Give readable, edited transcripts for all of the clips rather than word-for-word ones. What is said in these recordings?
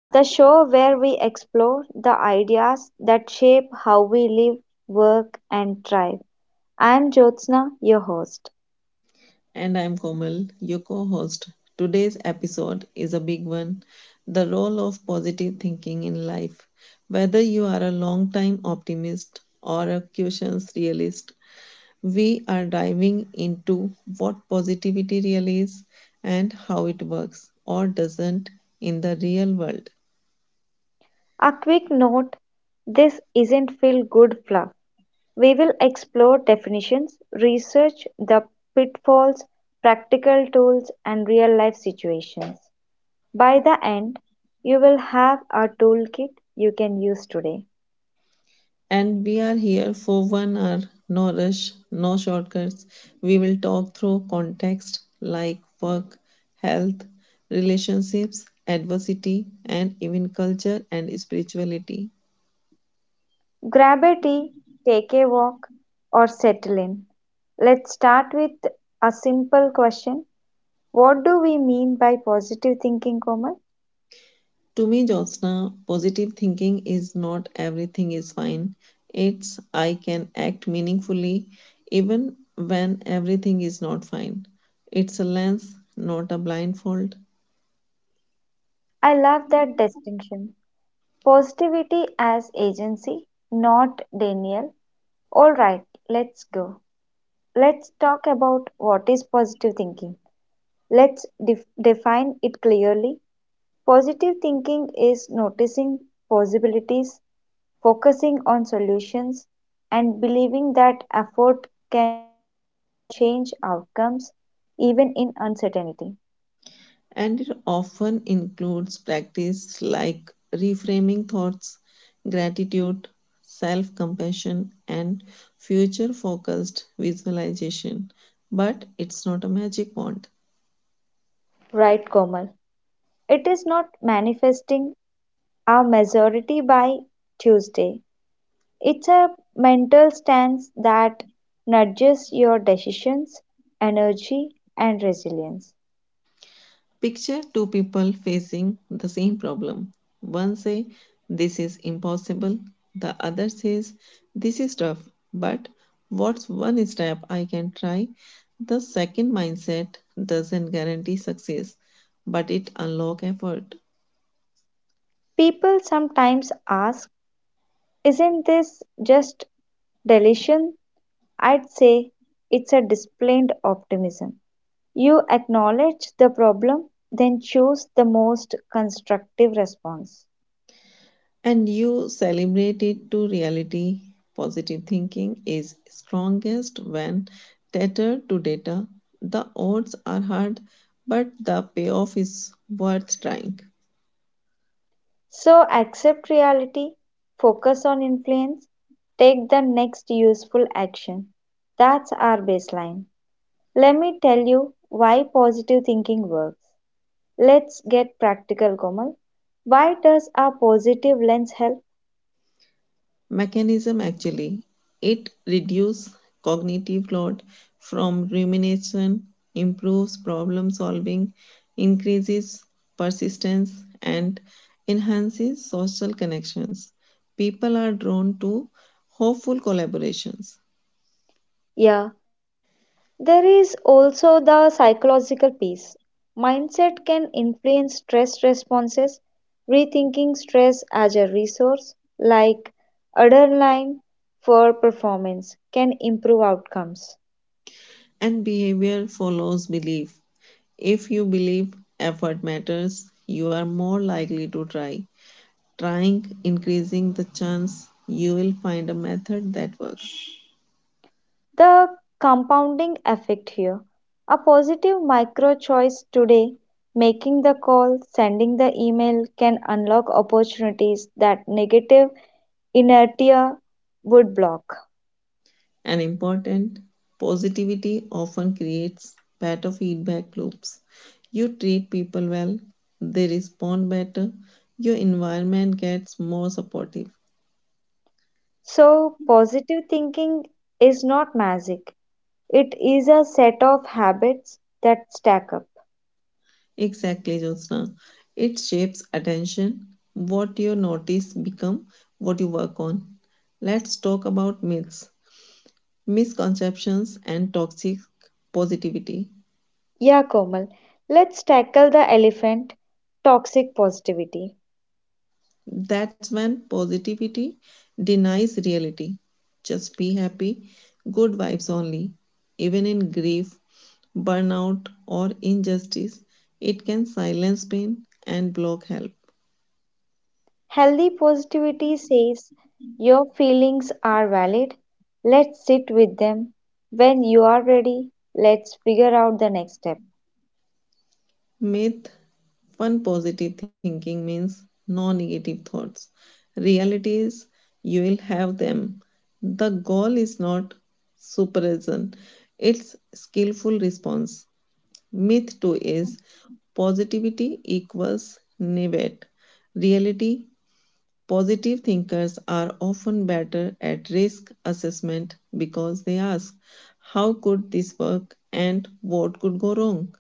the show where we explore the ideas that shape how we live, work, and thrive. I'm Jyotsna, your host. And I'm Komal, your co host. Today's episode is a big one, the role of positive thinking in life. Whether you are a long time optimist or a cautious realist, we are diving into what positivity really is and how it works or doesn't in the real world. A quick note, this isn't feel good fluff. We will explore definitions, research the pitfalls, practical tools, and real life situations. By the end, you will have a toolkit you can use today. And we are here for 1 hour, no rush, no shortcuts. We will talk through context like work, health, relationships, adversity, and even culture and spirituality. Grab a tea, take a walk, or settle in. Let's start with a simple question. What do we mean by positive thinking, Komal? To me, Jyotsna, positive thinking is not everything is fine. It's I can act meaningfully even when everything is not fine. It's a lens, not a blindfold. I love that distinction. Positivity as agency, not denial. All right, let's go. Let's talk about what is positive thinking. Let's define it clearly. Positive thinking is noticing possibilities, focusing on solutions and believing that effort can change outcomes even in uncertainty. And it often includes practice like reframing thoughts, gratitude, self compassion, and future focused visualization. But it's not a magic wand. Right, Komal. It is not manifesting a majority by Tuesday. It's a mental stance that nudges your decisions, energy, and resilience. Picture two people facing the same problem. One says this is impossible, the other says this is tough, but what's one step I can try? The second mindset doesn't guarantee success, but it unlocks effort People sometimes ask, isn't this just deletion? I'd say it's a disciplined optimism. You acknowledge the problem, then choose the most constructive response. and you celebrate it to reality. Positive thinking is strongest when tethered to data. The odds are hard, but the payoff is worth trying. So accept reality, focus on influence, take the next useful action. That's our baseline. Let me tell you why positive thinking works. Let's get practical, Komal. Why does our positive lens help? Mechanism actually, it reduces cognitive load from rumination, improves problem solving, increases persistence, and enhances social connections. People are drawn to hopeful collaborations Yeah, there is also the psychological piece. Mindset can influence stress responses, rethinking stress as a resource, like adrenaline for performance, can improve outcomes. and behavior follows belief. If you believe effort matters, you are more likely to try, trying increasing the chance you will find a method that works. The compounding effect here, a positive micro choice today, making the call, sending the email, can unlock opportunities that negative inertia would block. And important, positivity often creates better feedback loops. You treat people well, they respond better, your environment gets more supportive. So, positive thinking is not magic, it is a set of habits that stack up. Exactly, Jyotsna. It shapes attention. What you notice become what you work on. Let's talk about myths, misconceptions, and toxic positivity. Yeah, Komal, let's tackle the elephant, toxic positivity. That's when positivity denies reality. Just be happy, good vibes only. Even in grief, burnout, or injustice, it can silence pain and block help. Healthy positivity says your feelings are valid, let's sit with them. When you are ready, let's figure out the next step. Myth one, positive thinking means no negative thoughts. Reality is you will have them. The goal is not suppression, it's skillful response. Myth 2 is positivity equals naivete. Reality, positive thinkers are often better at risk assessment because they ask, how could this work and what could go wrong?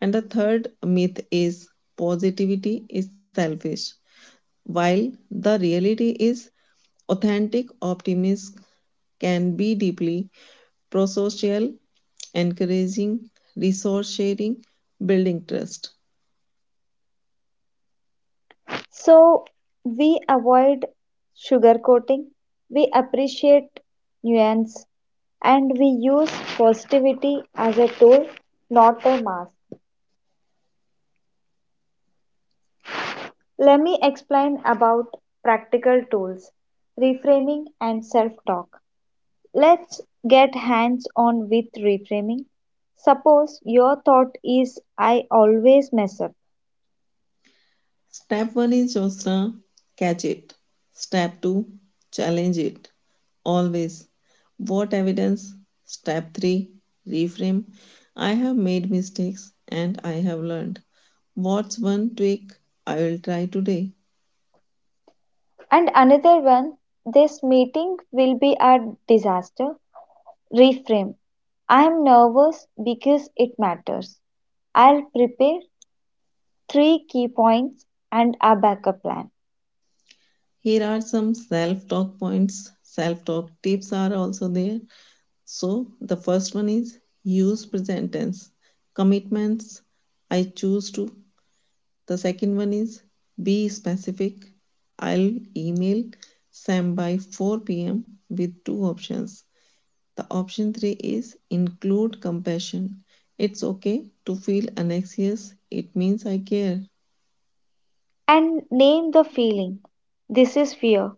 And the third myth is positivity is selfish. While the reality is authentic optimism can be deeply prosocial, encouraging resource sharing, building trust. So we avoid sugarcoating, we appreciate nuance, and we use positivity as a tool, not a mask. Let me explain about practical tools, reframing, and self talk. Let's get hands on with reframing. Suppose your thought is, I always mess up, Step 1 is Josna, catch it. Step 2, challenge it. Always. What evidence? Step 3, reframe. I have made mistakes and I have learned. What's one tweak I will try today? and another one, this meeting will be a disaster. Reframe: I'm nervous because it matters. I'll prepare three key points and a backup plan. Here are some self talk points. Self talk tips are also there. So, the first one is use present tense, commitments, I choose to. The second one is be specific, I'll email Sam by 4 p.m. with two options. The option three is include compassion. It's okay to feel anxious, it means I care. And name the feeling. This is fear.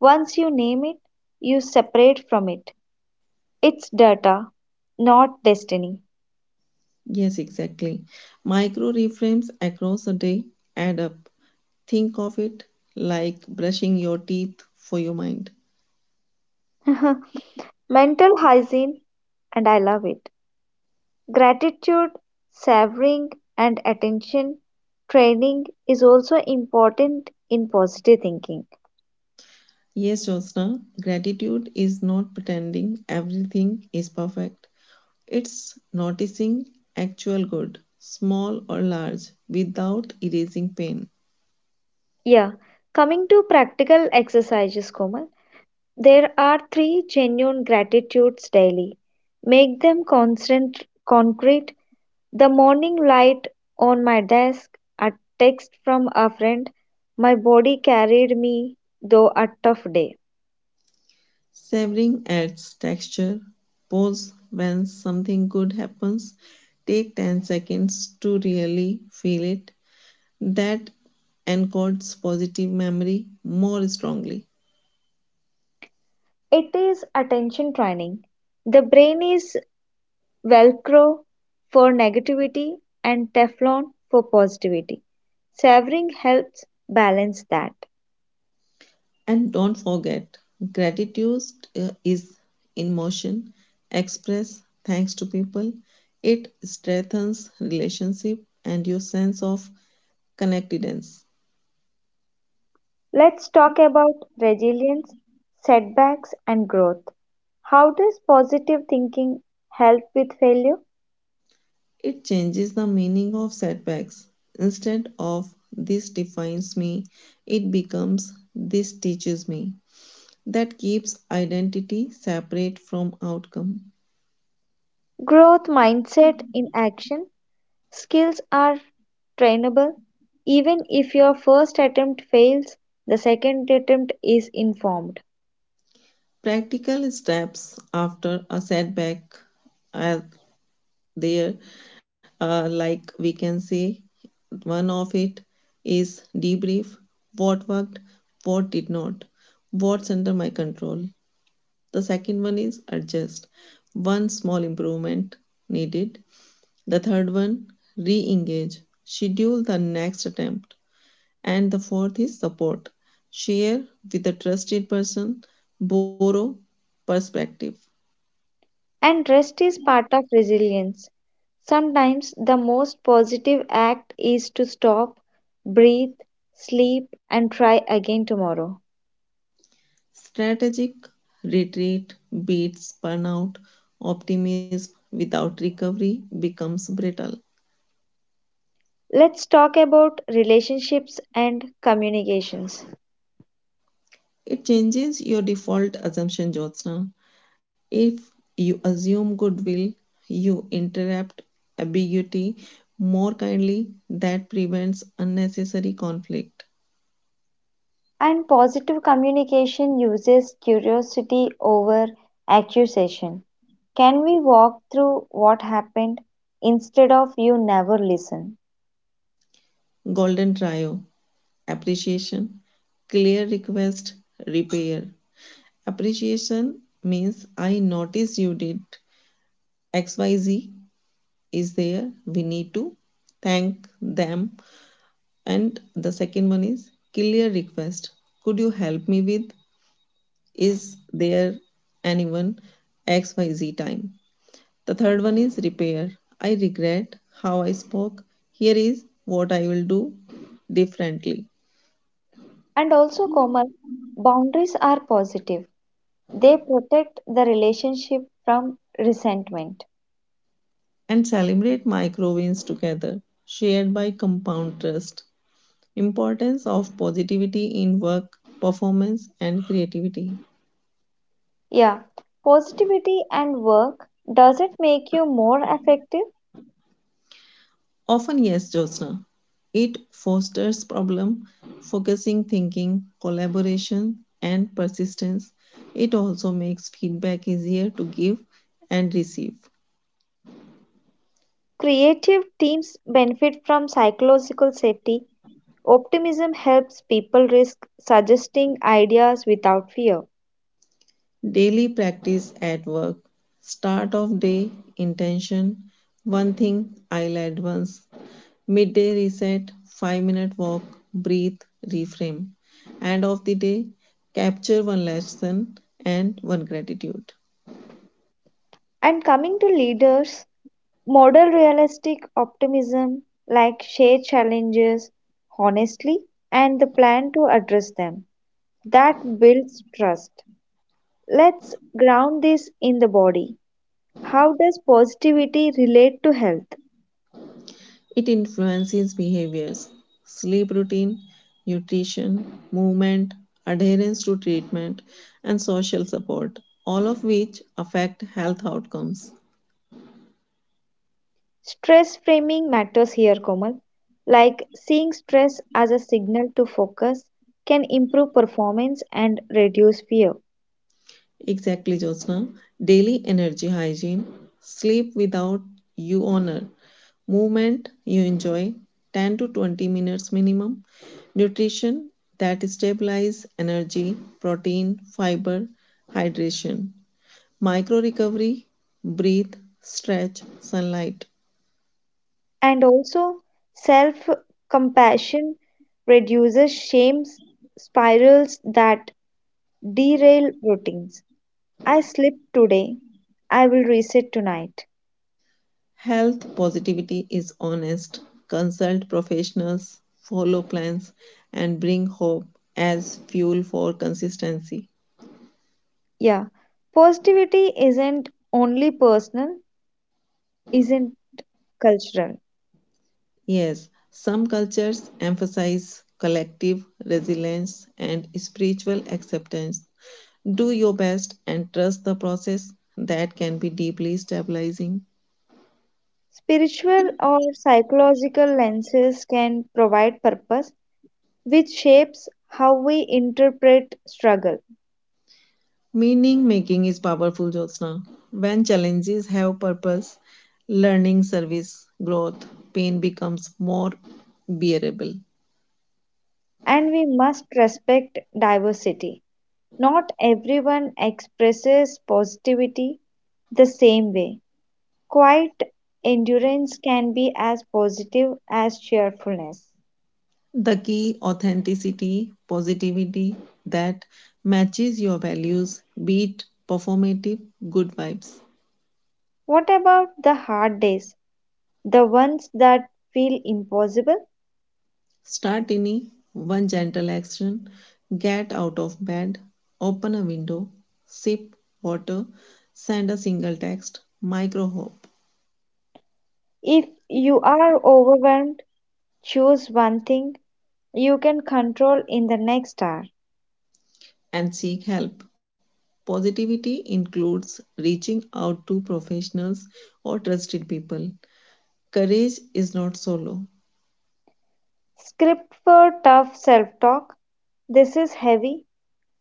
Once you name it, you separate from it. It's data, not destiny. Yes, exactly. Micro reframes across a day add up. Think of it like brushing your teeth for your mind. Mental hygiene, and I love it. Gratitude, savoring, and attention training is also important in positive thinking. Yes, Jyotsna, gratitude is not pretending everything is perfect. It's noticing actual good, small or large, without erasing pain. Yeah, coming to practical exercises, Komal, there are three genuine gratitudes daily. Make them constant, concrete. The morning light on my desk, a text from a friend, my body carried me though a tough day. Savoring adds texture. Pause when something good happens. Take 10 seconds to really feel it. That encodes positive memory more strongly. It is attention training. The brain is Velcro for negativity and Teflon for positivity. Savoring helps balance that. And don't forget, gratitude is in motion. Express thanks to people. It strengthens relationship and your sense of connectedness. Let's talk about resilience, setbacks, and growth. How does positive thinking help with failure? It changes the meaning of setbacks. Instead of this defines me, it becomes this teaches me. That keeps identity separate from outcome. Growth mindset in action. Skills are trainable. Even if your first attempt fails, the second attempt is informed. Practical steps after a setback as there, like we can say, one of it is debrief, what worked, what did not, what's under my control. The second one is adjust, one small improvement needed. The third one, re-engage, schedule the next attempt. And the fourth is support, share with a trusted person, borrow perspective. And rest is part of resilience. Sometimes the most positive act is to stop, breathe, sleep, and try again tomorrow. Strategic retreat beats burnout. Optimism without recovery becomes brittle. Let's talk about relationships and communications. It changes your default assumption, Jyotsna. If you assume goodwill, you interrupt ambiguity more kindly. That prevents unnecessary conflict. And positive communication uses curiosity over accusation. Can we walk through what happened instead of you never listen? Golden trio, appreciation, clear request, repair. Appreciation means I noticed you did XYZ, is there we need to thank them. And the second one is clear request, could you help me with, is there anyone, xyz time. The third one is repair, I regret how I spoke, here is what I will do differently. And also, Komal, boundaries are positive, they protect the relationship from resentment. And celebrate micro wins together, shared by compound trust, importance of positivity in work performance and creativity. Yeah, positivity and work, does it make you more effective? Often, yes, Jyotsna. It fosters problem focusing thinking, collaboration, and persistence. It also makes feedback easier to give and receive. Creative teams benefit from psychological safety. Optimism helps people risk suggesting ideas without fear. Daily practice at work. Start of day intention. One thing I'll advance. Midday reset. 5 minute walk. Breathe. Reframe. End of the day. Capture one lesson and one gratitude. And coming to leaders, model realistic optimism, like share challenges honestly and the plan to address them. That builds trust. Let's ground this in the body. How does positivity relate to health? It influences behaviors, sleep routine, nutrition, movement, adherence to treatment, and social support, all of which affect health outcomes. Stress framing matters here, Komal. Like seeing stress as a signal to focus can improve performance and reduce fear. Exactly, Jyotsna. Daily energy hygiene, sleep without you honor, movement you enjoy, 10 to 20 minutes minimum, nutrition that stabilize energy, protein, fiber, hydration. Micro recovery, breathe, stretch, sunlight. And also, self compassion reduces shame spirals that derail routines. I slipped today, I will reset tonight. Health positivity is honest. Consult professionals, follow plans, and bring hope as fuel for consistency. Yeah, positivity isn't only personal, isn't cultural. Yes, some cultures emphasize collective resilience and spiritual acceptance. Do your best and trust the process, that can be deeply stabilizing. Spiritual or psychological lenses can provide purpose, which shapes how we interpret struggle. Meaning making is powerful, Jyotsna. When challenges have purpose, learning, service, growth, pain becomes more bearable. And we must respect diversity. Not everyone expresses positivity the same way. Quiet endurance can be as positive as cheerfulness. The key, authenticity, positivity that matches your values, be it performative, good vibes. What about the hard days, the ones that feel impossible? Start any one gentle action, get out of bed, open a window, sip water, send a single text, micro hope. If you are overwhelmed, choose one thing you can control in the next hour. And seek help. Positivity includes reaching out to professionals or trusted people. Courage is not solo. Script for tough self talk. This is heavy.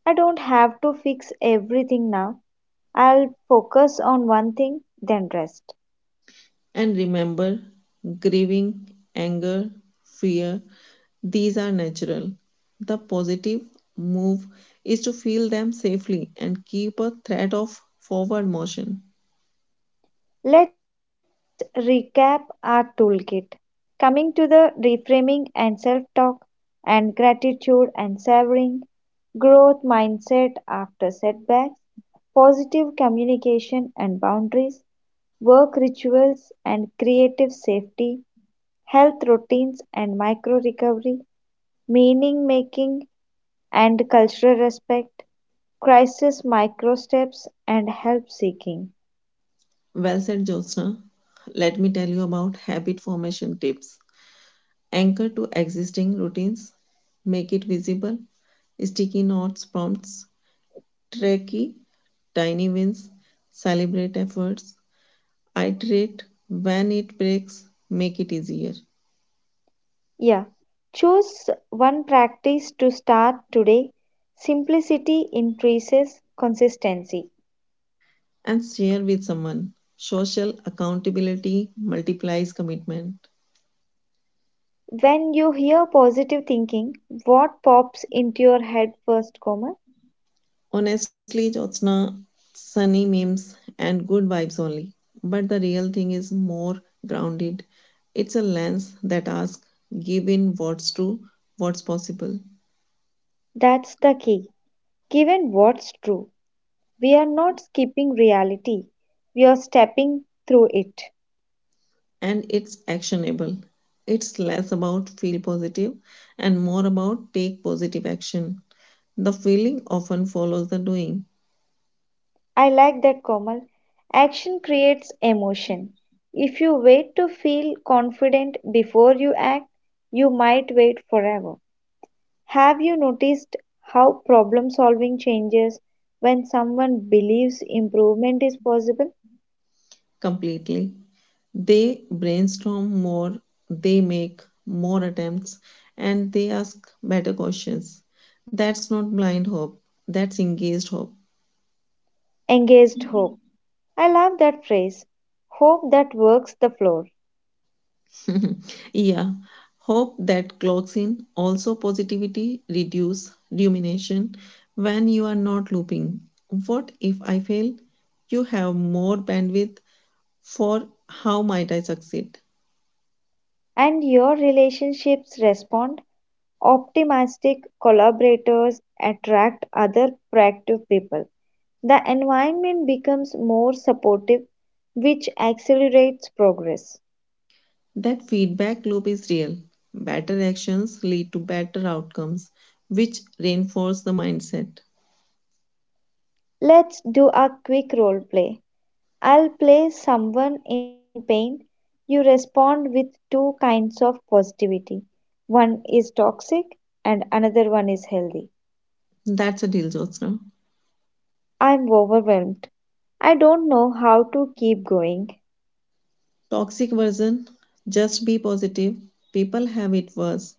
I don't have to fix everything now. I'll focus on one thing, then rest. And remember, grieving, anger, fear, these are natural. The positive move is to feel them safely and keep a thread of forward motion. Let's recap our toolkit. Coming to the reframing and self talk, and gratitude and savoring, growth mindset after setbacks, positive communication and boundaries, work rituals and creative safety, health routines and micro-recovery, meaning-making and cultural respect, crisis micro-steps and help-seeking. Well said, Jyotsna. Let me tell you about habit formation tips. Anchor to existing routines, make it visible, sticky notes prompts, tracky, tiny wins, celebrate efforts, iterate when it breaks, make it easier, Yeah, choose one practice to start today. Simplicity increases consistency. and share with someone. Social accountability multiplies commitment. When you hear positive thinking, what pops into your head first, Koma? Honestly, Jyotsna, sunny memes and good vibes only. But the real thing is more grounded. It's a lens that asks, give in what's true, what's possible, That's the key. Given what's true, we are not skipping reality, we are stepping through it. and it's actionable. It's less about feel positive and more about take positive action. The feeling often follows the doing I like that, Komal. Action creates emotion. If you wait to feel confident before you act, you might wait forever. Have you noticed how problem solving changes when someone believes improvement is possible? completely. They brainstorm more, they make more attempts, and they ask better questions. That's not blind hope, that's engaged hope. Engaged hope. I love that phrase. Hope that works the floor. Yeah, hope that clocks in. Also, positivity reduce rumination when you are not looping. What if I fail? You have more bandwidth for how might I succeed. And your relationships respond. Optimistic collaborators attract other proactive people. The environment becomes more supportive, which accelerates progress. That feedback loop is real. Better actions lead to better outcomes, which reinforce the mindset. Let's do a quick role play. I'll play someone in pain. You respond with two kinds of positivity. One is toxic and another one is healthy. That's a deal, Jyotsna. I'm overwhelmed. I don't know how to keep going. Toxic version, just be positive. People have it worse.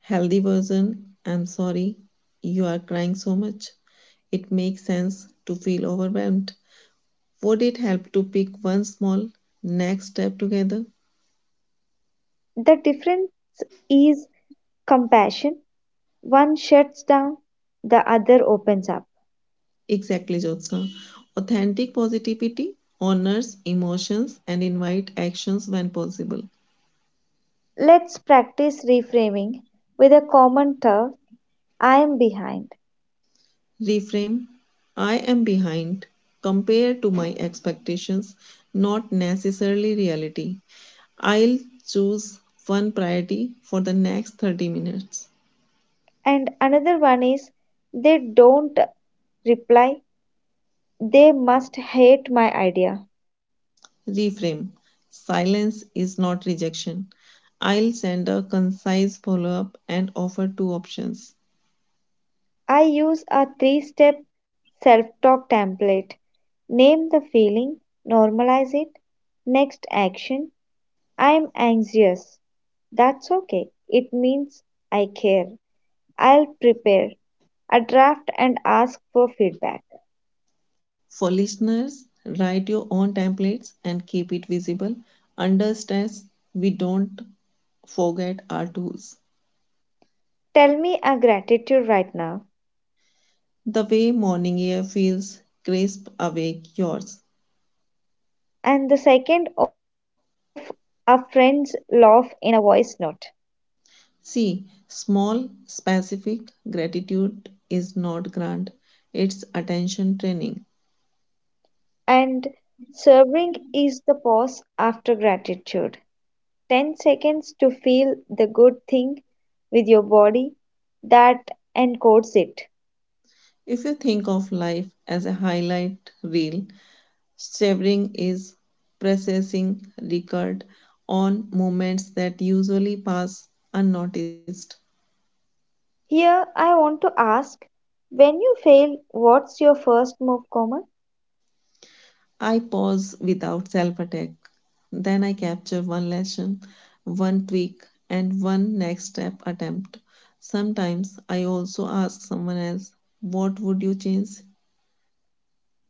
Healthy version, I'm sorry, you are crying so much. It makes sense to feel overwhelmed. Would it help to pick one small next step together? The difference is compassion. One shuts down, the other opens up. Exactly, Jyotsna. Authentic positivity honors emotions and invite actions when possible. Let's practice reframing with a common term, I'm behind. Reframe, I am behind compared to my expectations, not necessarily reality. I'll choose one priority for the next 30 minutes. And another one is, they don't reply, they must hate my idea. Reframe, silence is not rejection. I'll send a concise follow up and offer two options. I use a three step self talk template: name the feeling, normalize it. Next action: I'm anxious. That's okay, it means I care. I'll prepare a draft and ask for feedback. For listeners, write your own templates and keep it visible. Under stress, we don't forget our tools. Tell me a gratitude right now, The way morning air feels, crisp awake yours. and the second of a friend's laugh in a voice note. See, small, specific gratitude is not grant, it's attention training. And serving is the pause after gratitude, 10 seconds to feel the good thing with your body that encodes it. If you think of life as a highlight reel, savoring is processing record on moments that usually pass unnoticed. Here, I want to ask, when you fail, what's your first move, Komal? I pause without self attack. Then I capture one lesson, one tweak, and one next step attempt. Sometimes I also ask someone else, what would you change?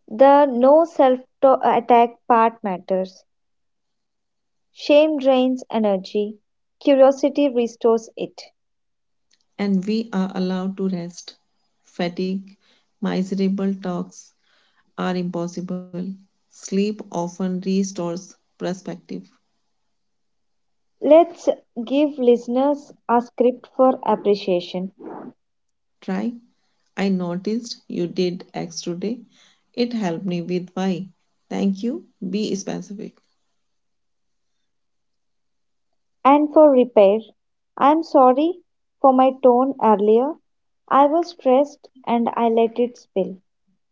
The no self attack part matters. Shame drains energy, curiosity restores it. And we are allowed to rest. Fatigue, miserable talks are impossible. Sleep often restores perspective. Let's give listeners a script for appreciation Try. I noticed you did X today. It helped me with Y. Thank you. Be specific. and for repair. I'm sorry for my tone earlier. I was stressed and I let it spill.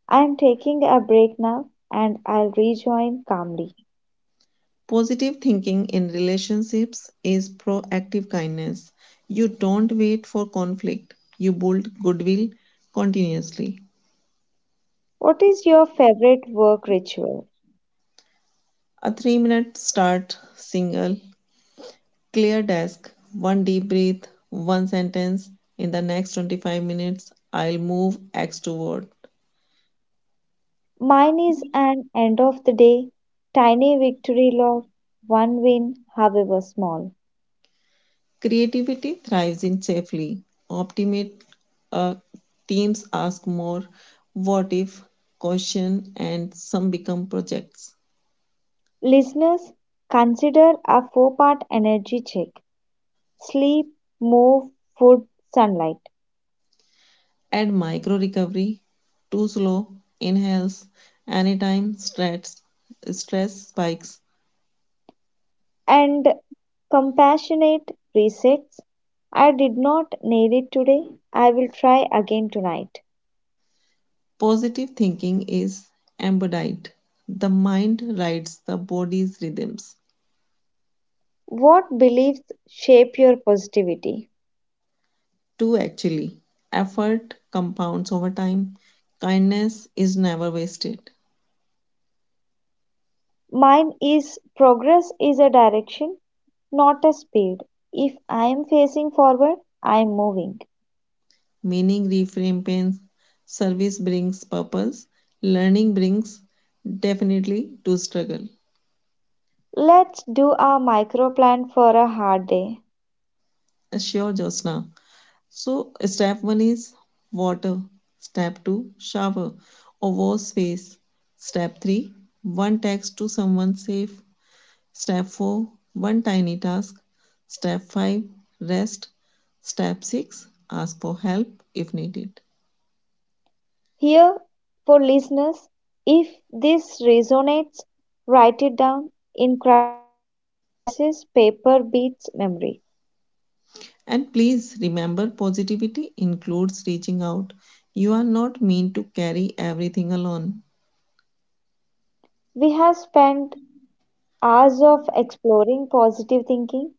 I'm taking a break now and I'll rejoin calmly. Positive thinking in relationships is proactive kindness. You don't wait for conflict, you build goodwill continuously. What is your favorite work ritual? A 3 minute start, single, clear desk, one deep breath, one sentence. In the next 25 minutes, I'll move X toward. Mine is an end of the day, tiny victory log, one win, however small. Creativity thrives in safely. Optimate uh, teams ask more what if, question, and some become projects. Listeners, consider a four-part energy check: sleep, move, food, sunlight, Add micro recovery, too slow inhales, anytime stress, stress spikes. and compassionate resets. I did not nail it today. I will try again tonight. Positive thinking is embodied. The mind rides the body's rhythms. What beliefs shape your positivity? Two actually, effort compounds over time. Kindness is never wasted. Mine is, progress is a direction, not a speed. If I am facing forward, I am moving. Meaning reframes, service brings purpose, learning brings definitely to struggle. Let's do a micro plan for a hard day. Sure, Josna. So, step one is water, step two, shower or wash face, step three, one text to someone safe, step four, one tiny task, step five, rest, step six, ask for help if needed. Here, for listeners, if this resonates, write it down. In crisis, paper beats memory. And please remember positivity includes reaching out. You are not meant to carry everything alone. We have spent hours of exploring positive thinking,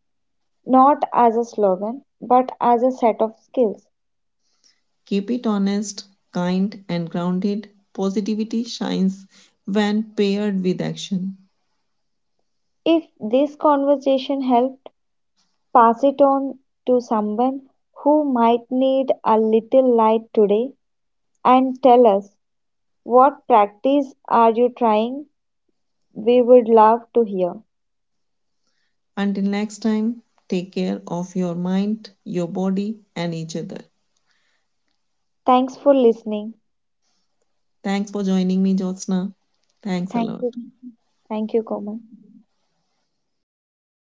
not as a slogan, but as a set of skills. Keep it honest, kind, and grounded. Positivity shines when paired with action. If this conversation helped, pass it on to someone who might need a little light today and tell us, what practice are you trying? We would love to hear. Until next time, take care of your mind, your body, and each other. Thanks for listening. Thanks for joining me, Jyotsna. Thanks a Thank lot. you. Thank you, Komal.